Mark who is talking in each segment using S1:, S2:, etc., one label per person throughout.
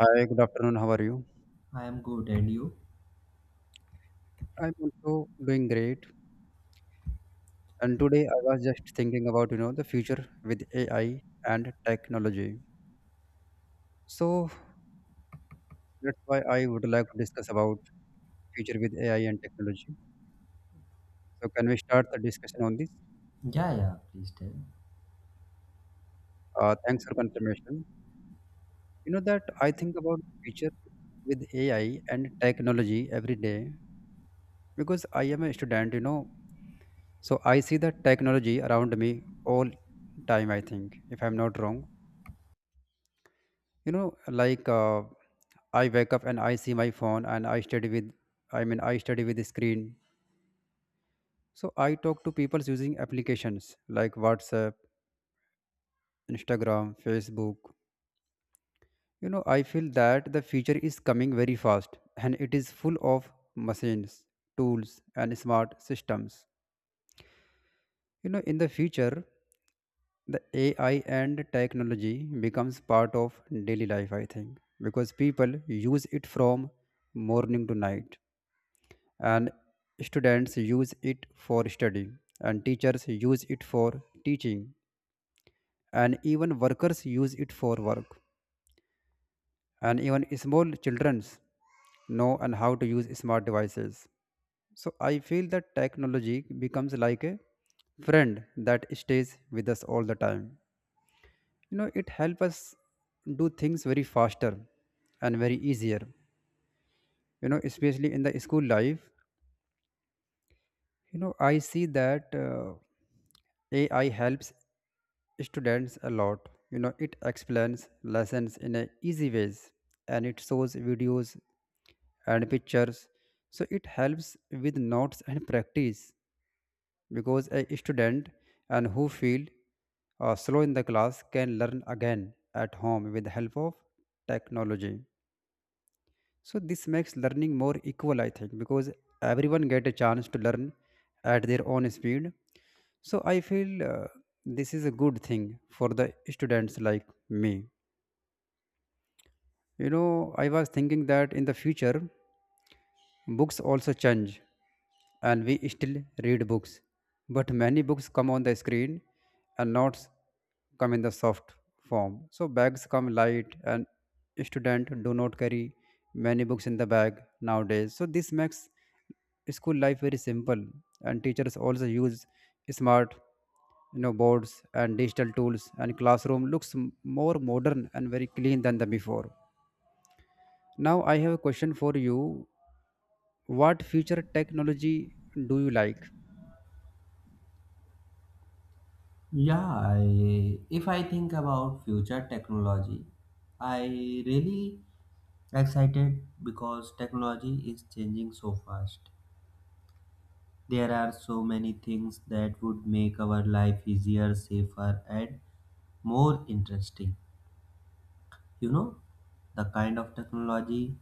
S1: Hi, good afternoon. How are you?
S2: I am good, and you?
S1: I'm also doing great. And today I was just thinking about, the future with AI and technology. So that's why I would like to discuss about future with AI and technology. So can we start the discussion on this?
S2: Yeah, yeah, please tell.
S1: Thanks for confirmation. You know that I think about the future with AI and technology every day because I am a student. So I see the technology around me all time, I think, if I'm not wrong. You know, like I wake up and I see my phone and I study with I study with the screen. So I talk to people using applications like WhatsApp, Instagram, Facebook. I feel that the future is coming very fast and it is full of machines, tools and smart systems. You know, in the future the AI and technology becomes part of daily life I think because people use it from morning to night and students use it for study and teachers use it for teaching and even workers use it for work and even small children know and how to use smart devices. So I feel that technology becomes like a friend that stays with us all the time. You know, it helps us do things very faster and very easier, especially in the school life. I see that AI helps students a lot. You know, it explains lessons in a easy ways and it shows videos and pictures. So it helps with notes and practice because a student and who feel slow in the class can learn again at home with the help of technology. So this makes learning more equal, I think, because everyone get a chance to learn at their own speed. So I feel this is a good thing for the students like me. You know, I was thinking that in the future books also change, and we still read books. But many books come on the screen and notes come in the soft form. So bags come light, and students do not carry many books in the bag nowadays. So this makes school life very simple, and teachers also use smart boards and digital tools, and classroom looks more modern and very clean than the before. Now I have a question for you. What future technology do you like?
S2: If I think about future technology, I really excited because technology is changing so fast. There are so many things that would make our life easier, safer, and more interesting. You know, the kind of technology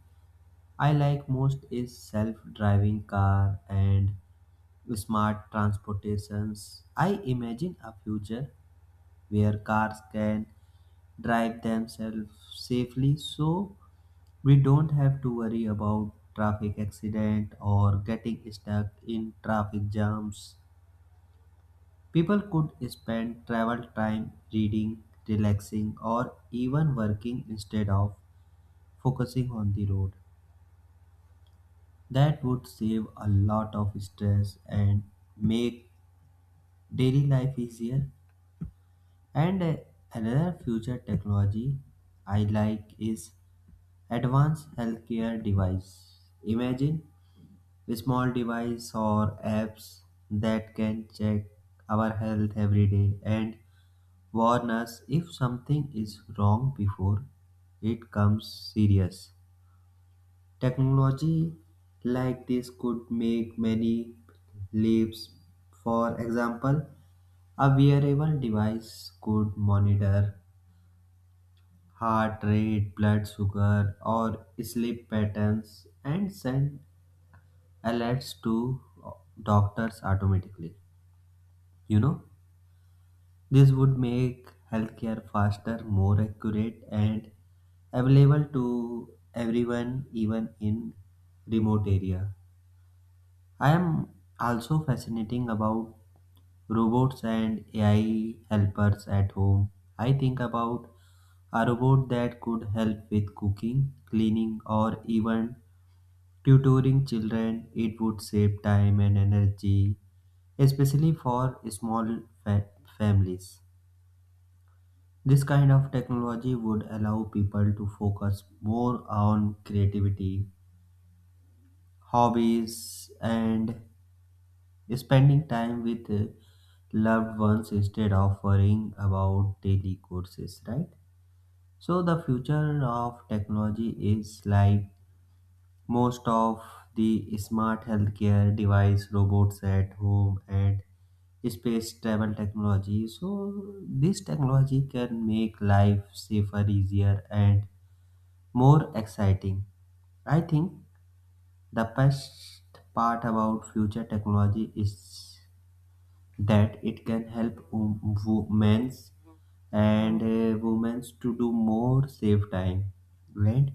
S2: I like most is self-driving car and smart transportations. I imagine a future where cars can drive themselves safely, so we don't have to worry about traffic accident or getting stuck in traffic jams. People could spend travel time reading, relaxing or even working instead of focusing on the road. That would save a lot of stress and make daily life easier. And Another future technology I like is advanced healthcare device. Imagine a small device or apps that can check our health every day and warn us if something is wrong before it comes serious. Technology like this could make many leaps. For example, a wearable device could monitor heart rate, blood sugar, or sleep patterns and send alerts to doctors automatically. You know, this would make healthcare faster, more accurate, and available to everyone, even in remote area. I am also fascinating about robots and AI helpers at home. I think about a robot that could help with cooking, cleaning, or even tutoring children. It would save time and energy, especially for families. This kind of technology would allow people to focus more on creativity, hobbies, and spending time with loved ones instead of worrying about daily courses, right? So the future of technology is like most of the smart healthcare device, robots at home, and space travel technology. So this technology can make life safer, easier, and more exciting. I think the best part about future technology is that it can help wom- women's and women's to do more, save time, and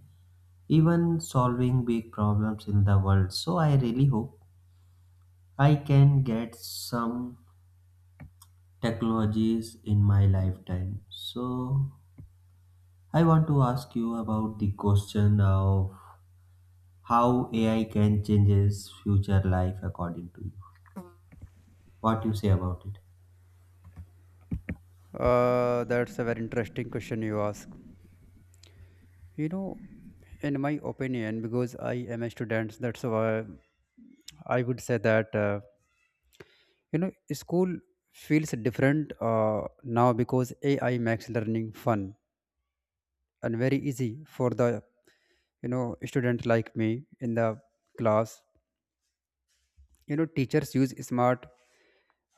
S2: even solving big problems in the world. So I really hope I can get some technologies in my lifetime. So I want to ask you about the question of how AI can changes future life according to you. What you say about it?
S1: That's a very interesting question you ask. You know, in my opinion, because I am a student, that's why I would say that school feels different now because AI makes learning fun and very easy for the student like me in the class. You know, teachers use smart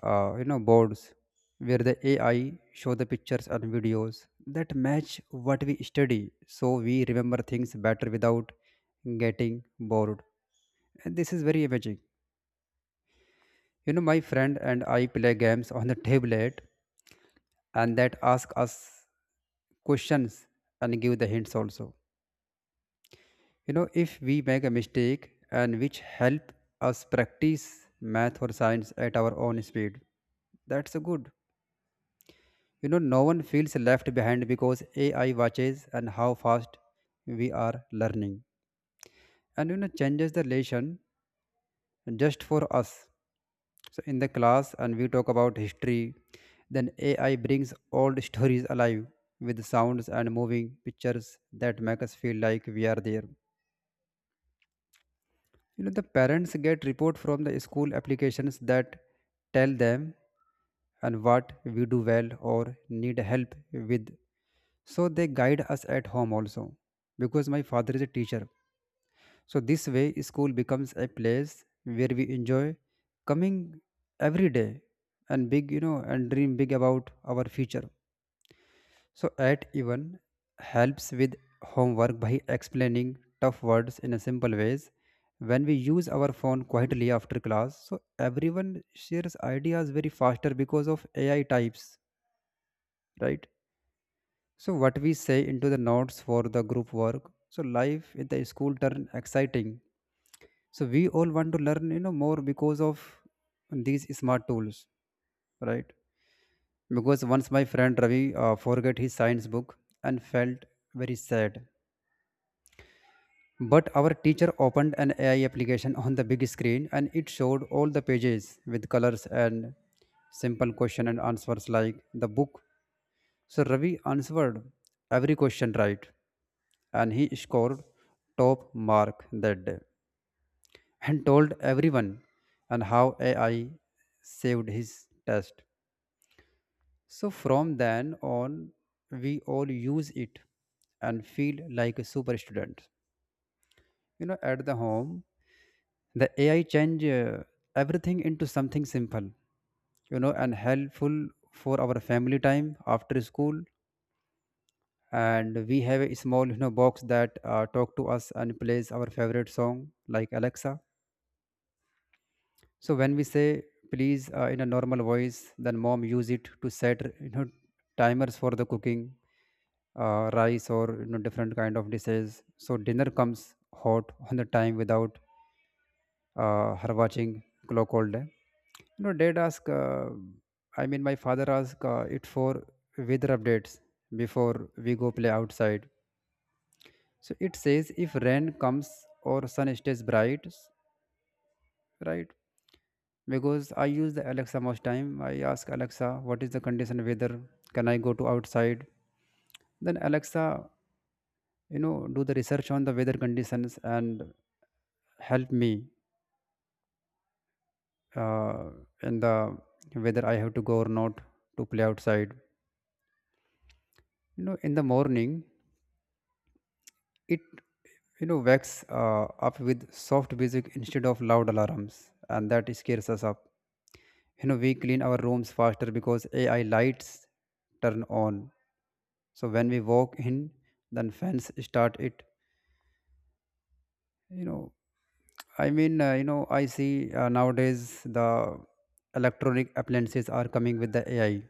S1: boards where the AI show the pictures and videos that match what we study, so we remember things better without getting bored. And this is very amazing. You know, my friend and I play games on the tablet, and that ask us questions and give the hints also. You know, if we make a mistake, and which help us practice math or science at our own speed. That's a good. You know, no one feels left behind because AI watches and how fast we are learning. And you know, changes the lesson just for us. So in the class and we talk about history, then AI brings old stories alive with sounds and moving pictures that make us feel like we are there. You know, the parents get report from the school applications that tell them and what we do well or need help with. So they guide us at home also because my father is a teacher. So this way school becomes a place where we enjoy coming every day and big and dream big about our future. So at even helps with homework by explaining tough words in a simple ways when we use our phone quietly after class, so everyone shares ideas very faster because of AI types, right? So what we say into the notes for the group work. So life in the school turn exciting. So we all want to learn, you know, more because of these smart tools, right? Because once my friend Ravi forget his science book and felt very sad. But our teacher opened an AI application on the big screen, and it showed all the pages with colors and simple question and answers like the book. So Ravi answered every question right, and he scored top mark that day and told everyone and how AI saved his test. So from then on, we all use it and feel like a super student. You know, at the home, the AI change everything into something simple, you know, and helpful for our family time after school. And we have a small box that talk to us and plays our favorite song like Alexa. So when we say please in a normal voice, then mom use it to set timers for the cooking rice or you know different kind of dishes, so dinner comes hot on the time without her watching clock all day. You know, dad ask my father ask it for weather updates before we go play outside. So it says if rain comes or sun stays bright, right? Because I use the Alexa most time. I ask Alexa, what is the condition weather? Can I go to outside? Then Alexa, you know, do the research on the weather conditions and help me uh, in the whether I have to go or not to play outside. You know, in the morning, it wakes up with soft music instead of loud alarms, and that scares us up. You know, we clean our rooms faster because AI lights turn on. So when we walk in, then fans start it. you know I see nowadays the electronic appliances are coming with the AI,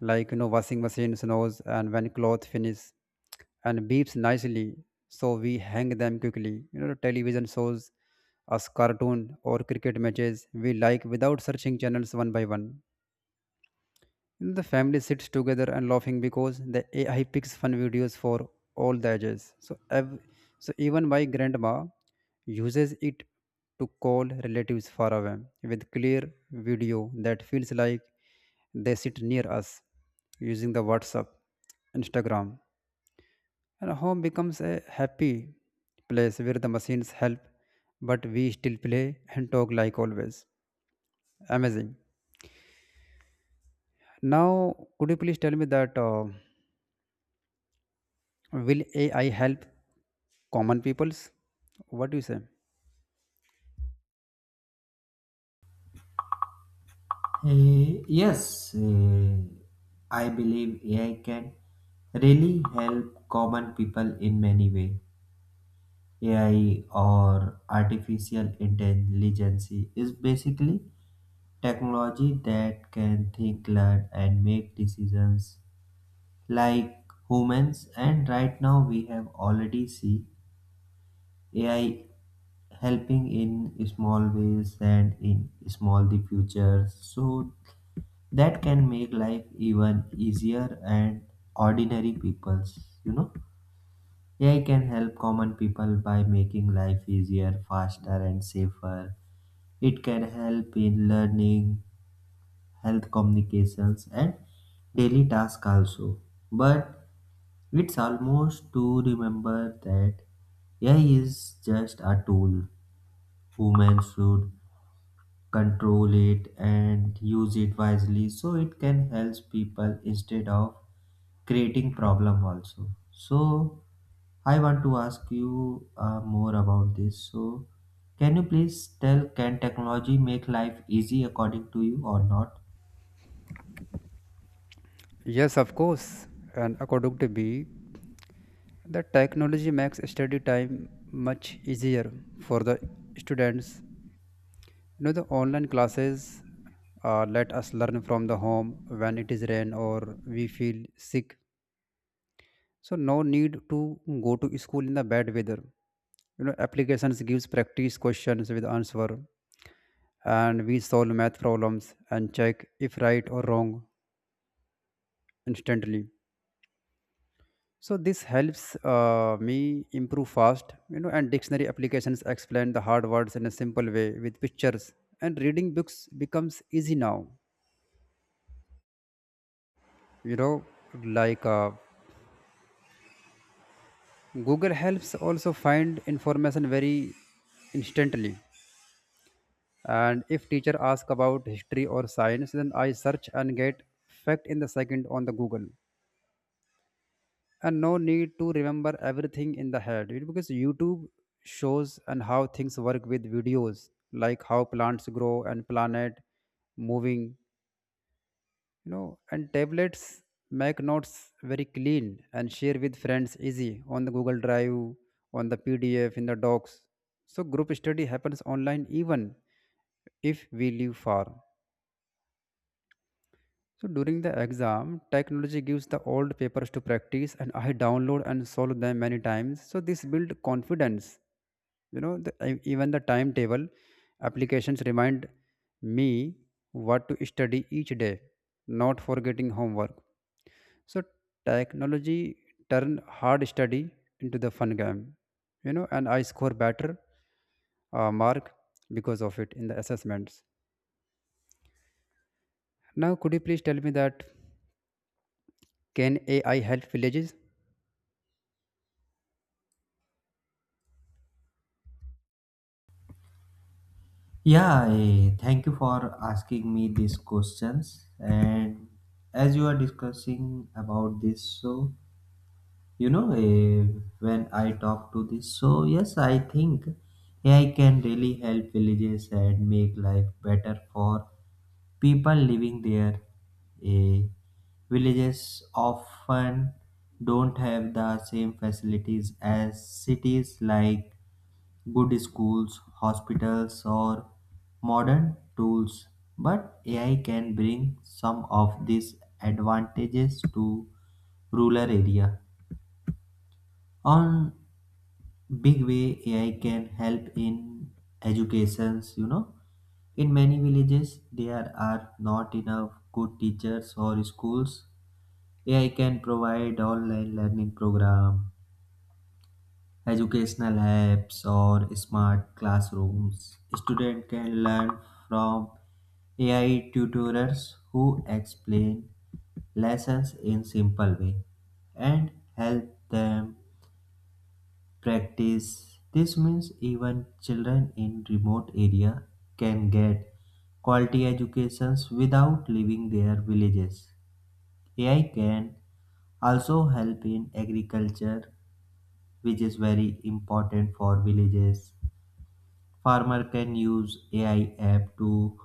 S1: like you know, washing machine knows and when cloth finish and beeps nicely, so we hang them quickly. You know, television shows us cartoon or cricket matches we like without searching channels one by one. The family sits together and laughing because the AI picks fun videos for all the ages. So even my grandma uses it to call relatives far away with clear video that feels like they sit near us using the WhatsApp, Instagram. And home becomes a happy place where the machines help, but we still play and talk like always. Amazing. Now, could you please tell me that? Will AI help common peoples? What do you say?
S2: Yes, I believe AI can really help common people in many ways. AI or artificial intelligence is basically technology that can think, learn, and make decisions like humans. And right now, we have already see AI helping in small ways and in small the future. So that can make life even easier and ordinary people's, you know, AI can help common people by making life easier, faster and safer. It can help in learning, health, communications and daily tasks also. But it's almost to remember that AI is just a tool. Women should control it and use it wisely, so it can help people instead of creating problem also. So I want to ask you more about this. So can you please tell, can technology make life easy according to you or not?
S1: Yes, of course. And according to me, the technology makes study time much easier for the students. You know, the online classes let us learn from the home when it is rain or we feel sick. So no need to go to school in the bad weather. You know, applications gives practice questions with answer, and we solve math problems and check if right or wrong instantly. So this helps me improve fast. You know, and dictionary applications explain the hard words in a simple way with pictures, and reading books becomes easy now. You know, like Google helps also find information very instantly. And if teacher ask about history or science, then I search and get fact in the second on the Google, and no need to remember everything in the head. It- because YouTube shows and how things work with videos like how plants grow and planet moving. You know, and tablets make notes very clean and share with friends easy on the Google Drive, on the PDF in the docs. So group study happens online even if we live far. So during the exam, technology gives the old papers to practice, and I download and solve them many times. So this build confidence. You know, even the timetable applications remind me what to study each day, not forgetting homework. So technology turn hard study into the fun game. You know, and I score better mark because of it in the assessments. Now, could you please tell me that can AI help villages?
S2: Yeah, thank you for asking me these questions. And as you are discussing about this, so you know, when I talk to this, so yes, I think AI can really help villages and make life better for people living there. Eh, Villages often don't have the same facilities as cities, like good schools, hospitals or modern tools. But AI can bring some of these advantages to rural area. On big way, AI can help in educations. You know, in many villages there are not enough good teachers or schools. AI can provide online learning program, educational apps or smart classrooms. Student can learn from AI tutors who explain lessons in simple way and help them practice. This means even children in remote area can get quality educations without leaving their villages. AI can also help in agriculture, which is very important for villages. Farmer can use AI app to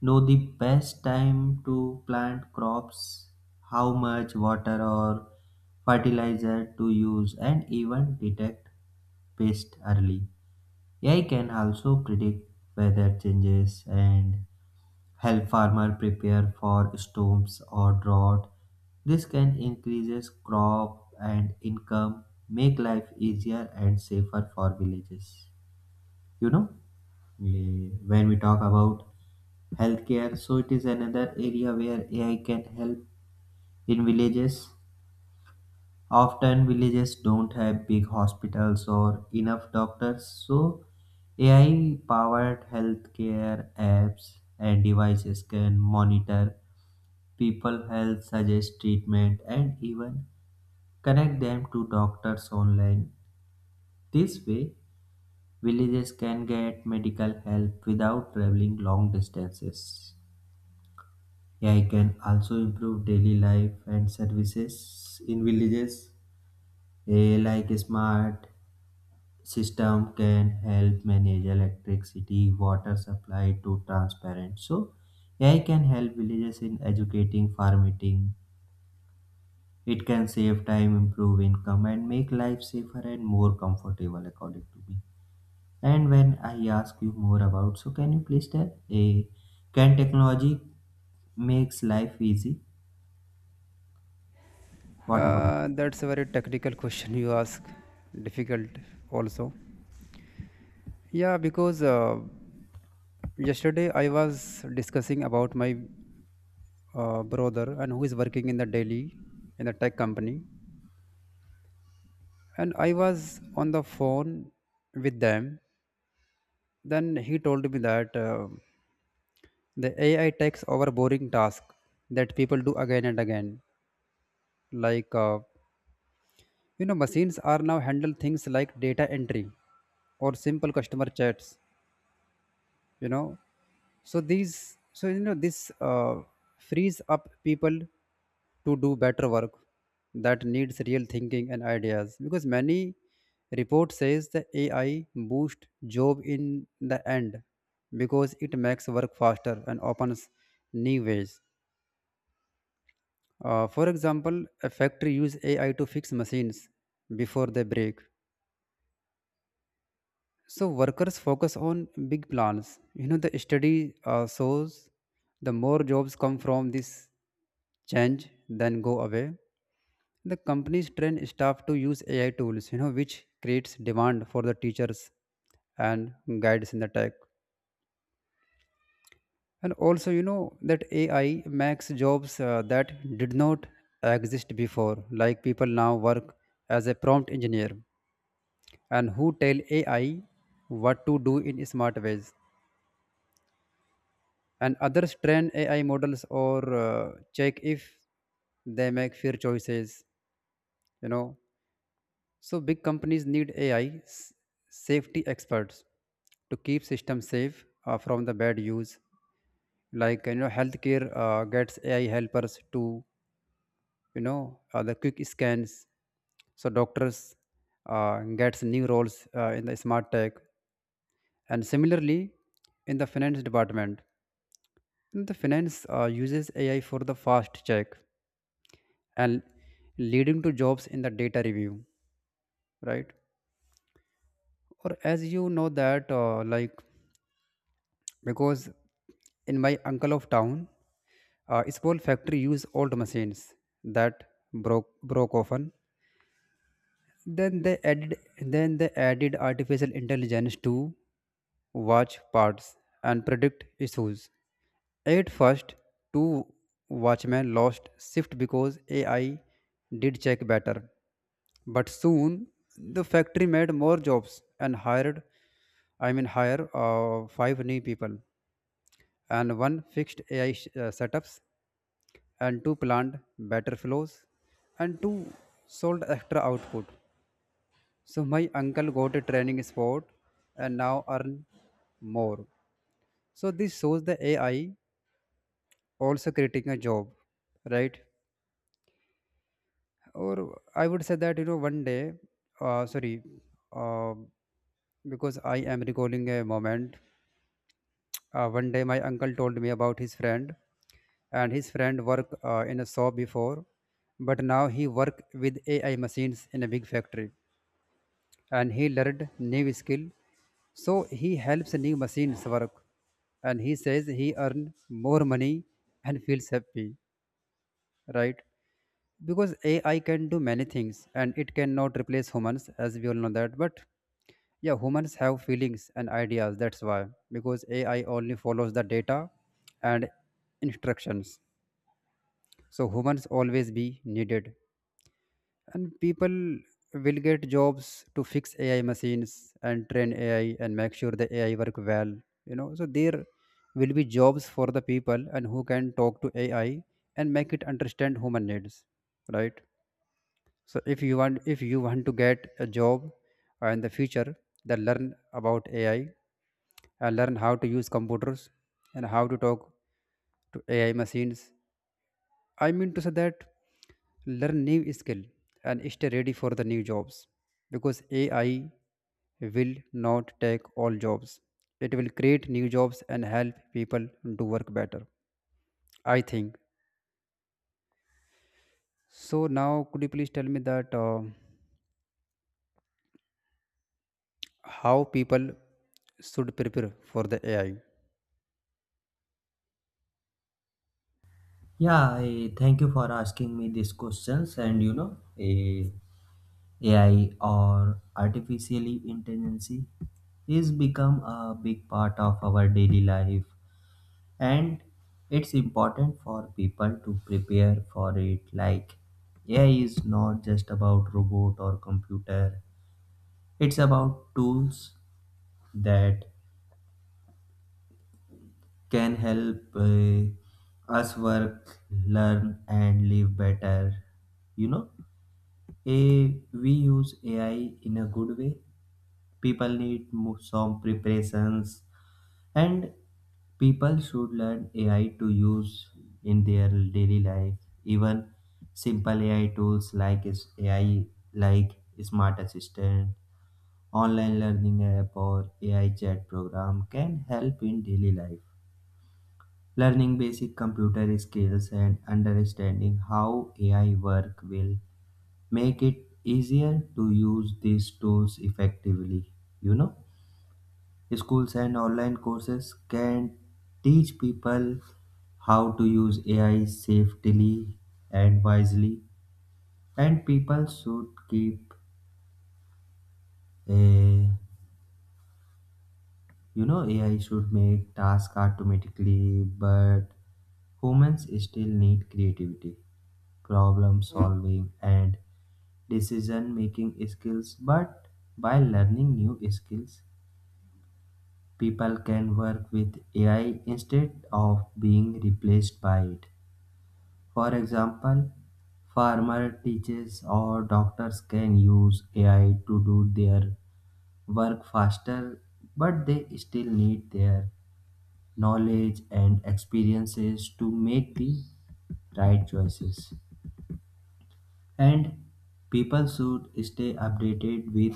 S2: know the best time to plant crops, how much water or fertilizer to use, and even detect pest early. AI can also predict weather changes and help farmers prepare for storms or drought. This can increase crop and income, make life easier and safer for villages. You know, when we talk about healthcare, so it is another area where AI can help in villages. Often villages don't have big hospitals or enough doctors, so AI-powered healthcare apps and devices can monitor people health, suggest treatment, and even connect them to doctors online. This way, villages can get medical help without traveling long distances. AI can also improve daily life and services in villages, like smart system can help manage electricity, water supply to transparent. So AI can help villages in educating, farming. It can save time, improve income, and make life safer and more comfortable, according to me. And when I ask you more about, so can you please tell? A, can technology makes life easy? What about?
S1: That's a very technical question you ask. Difficult also. Yeah, because yesterday I was discussing about my brother and who is working in the Delhi in the tech company, and I was on the phone with them. Then he told me that the AI takes over boring task that people do again and again. Like machines are now handle things like data entry or simple customer chats you know so these so you know this Frees up people to do better work that needs real thinking and ideas, because many report says the AI boost job in the end, because it makes work faster and opens new ways. For example, a factory use AI to fix machines before they break. So workers focus on big plans. You know, the study shows the more jobs come from this change than go away. The companies train staff to use AI tools, you know, which creates demand for the teachers and guides in the tech. And also, you know, that AI makes jobs that did not exist before, like people now work as a prompt engineer and who tell AI what to do in smart ways, and others train AI models or check if they make fair choices, you know. So big companies need AI safety experts to keep systems safe from the bad use, like you know, healthcare gets AI helpers to the quick scans, so doctors gets new roles in the smart tech. And similarly in the finance department, the finance uses AI for the fast check, and leading to jobs in the data review, right? Or as you know that like, because in my uncle of town, a small factory used old machines that broke often. Then they added artificial intelligence to watch parts and predict issues. At first, two watchmen lost shift because AI did check better. But soon, the factory made more jobs and hire five new people, and one fixed AI setups, and two planned better flows, and two sold extra output. So my uncle got a training spot and now earn more. So this shows the AI also creating a job, right? Or I would say that, you know, one day, uh, sorry, uh, because I am recalling a moment. One day my uncle told me about his friend, and his friend worked in a shop before, but now he work with AI machines in a big factory, and he learned new skill. So he helps new machines work, and he says he earn more money and feels happy, right? Because AI can do many things and it cannot replace humans, as we all know that. But yeah, humans have feelings and ideas. That's why, because AI only follows the data and instructions. So humans always be needed, and people will get jobs to fix AI machines and train AI and make sure the AI work well, you know. So there will be jobs for the people and who can talk to AI and make it understand human needs, right? So if you want to get a job in the future, then learn about AI and learn how to use computers and how to talk to AI machines. I mean to say that, learn new skill and stay ready for the new jobs, because AI will not take all jobs. It will create new jobs and help people do work better, I think. So now could you please tell me that how people should prepare for the AI?
S2: Yeah, thank you for asking me these questions. And you know, AI or artificial intelligence is become a big part of our daily life, and it's important for people to prepare for it. Like AI is not just about robot or computer, it's about tools that can help us work, learn and live better. You know, a we use AI in a good way, people need some preparations. And people should learn AI to use in their daily life. Even simple AI tools like is AI, like smart assistant, online learning app or AI chat program can help in daily life. Learning basic computer skills and understanding how AI work will make it easier to use these tools effectively. You know, schools and online courses can teach people how to use AI safely and wisely. And people should keep a, you know, AI should make tasks automatically, but humans still need creativity, problem solving, and decision making skills. But by learning new skills, people can work with AI instead of being replaced by it. For example, farmer, teachers or doctors can use AI to do their work faster, but they still need their knowledge and experiences to make the right choices. And people should stay updated with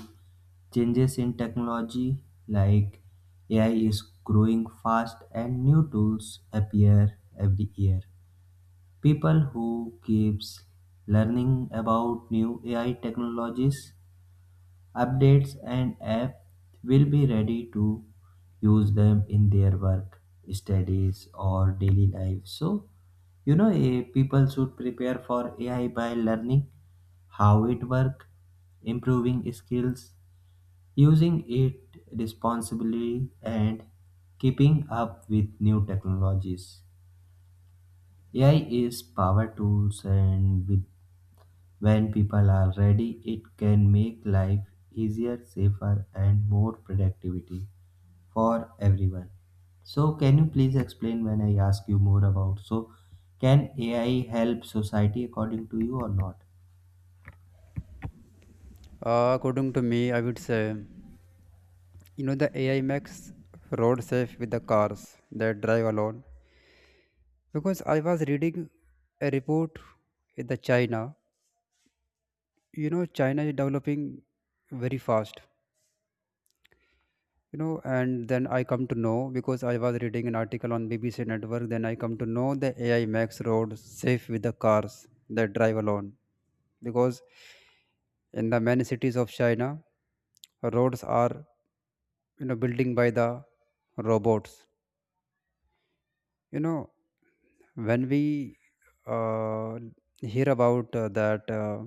S2: changes in technology. Like AI is growing fast and new tools appear every year. People who keeps learning about new AI technologies, updates and apps will be ready to use them in their work, studies or daily life. So, you know, people should prepare for AI by learning how it works, improving skills, using it responsibly and keeping up with new technologies. AI is power tools, and with when people are ready, it can make life easier, safer, and more productivity for everyone. So, can you please explain when I ask you more about? So, can AI help society according to you or not?
S1: According to me, I would say, you know, the AI makes road safe with the cars that drive alone, because I was reading a report in the China. You know, China is developing very fast. You know, and then I come to know, because I was reading an article on BBC Network. Then I come to know the AI makes roads safe with the cars that drive alone, because in the many cities of China, roads are, you know, building by the robots. You know, when we uh, hear about that.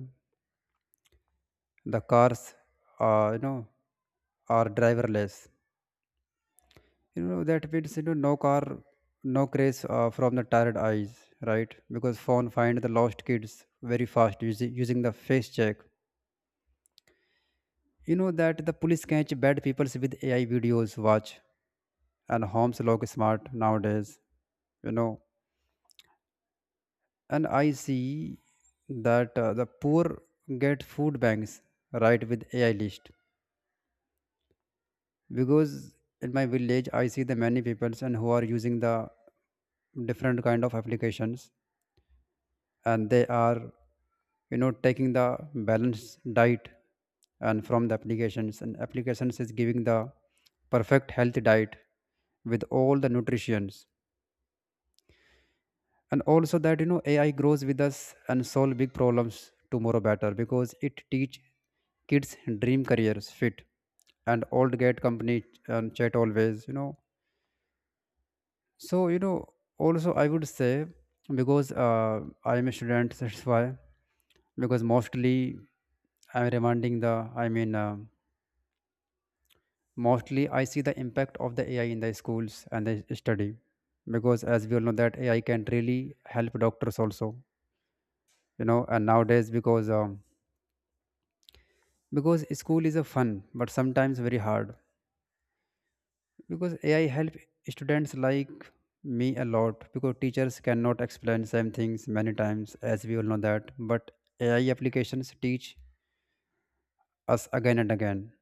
S1: The cars uh, you know are driverless, you know, that means you know, no car, no craze from the tired eyes, right? Because phone find the lost kids very fast using the face check, you know, that the police catch bad people with AI videos watch, and homes look smart nowadays, you know. And I see that the poor get food banks, right, with AI list, because in my village I see the many peoples and who are using the different kind of applications, and they are, you know, taking the balanced diet, and from the applications, and applications is giving the perfect healthy diet with all the nutritions. And also that, you know, AI grows with us and solve big problems tomorrow better, because it teach kids dream careers fit, and old get company and chat always, you know. So, you know, also I would say, because I'm a student, that's why. Because I'm reminding the, I mean, uh, mostly I see the impact of the AI in the schools and the study. Because as we all know that AI can really help doctors also, you know, and nowadays because school is a fun but sometimes very hard, because AI help students like me a lot, because teachers cannot explain same things many times, as we all know that. But AI applications teach us again and again,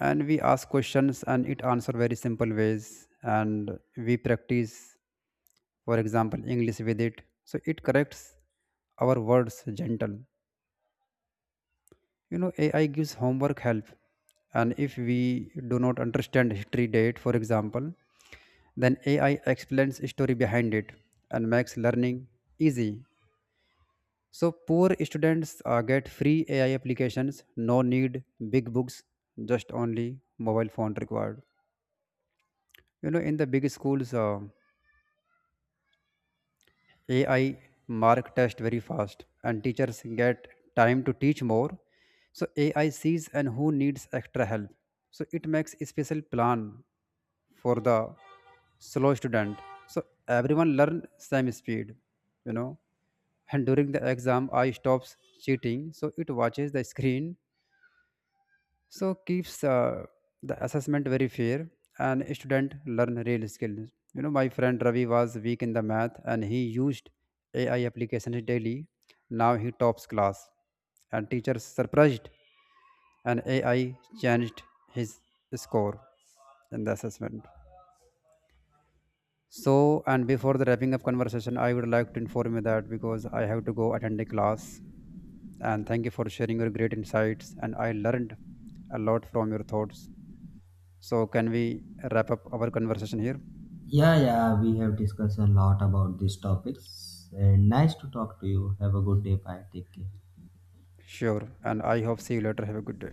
S1: and we ask questions and it answer very simple ways, and we practice, for example, english with it, so it corrects our words gentle, you know. AI gives homework help, and if we do not understand history date, for example, then AI explains story behind it and makes learning easy. So poor students get free AI applications, no need big books, just only mobile phone required. You know, in the big schools, AI mark test very fast and teachers get time to teach more. So AI sees and who needs extra help. So it makes a special plan for the slow student. So everyone learn same speed, you know. And during the exam, I stops cheating. So it watches the screen, so keeps the assessment very fair, and student learn real skills, you know. My friend Ravi was weak in the math, and he used AI applications daily. Now he tops class, and teachers surprised, and AI changed his score in the assessment. So, and before the wrapping up conversation, I would like to inform you that because I have to go attend a class. And thank you for sharing your great insights, and I learned a lot from your thoughts. So, can we wrap up our conversation here?
S2: Yeah, yeah, we have discussed a lot about these topics, and nice to talk to you. Have a good day. Bye. Take care.
S1: Sure. And I hope see you later. Have a good day.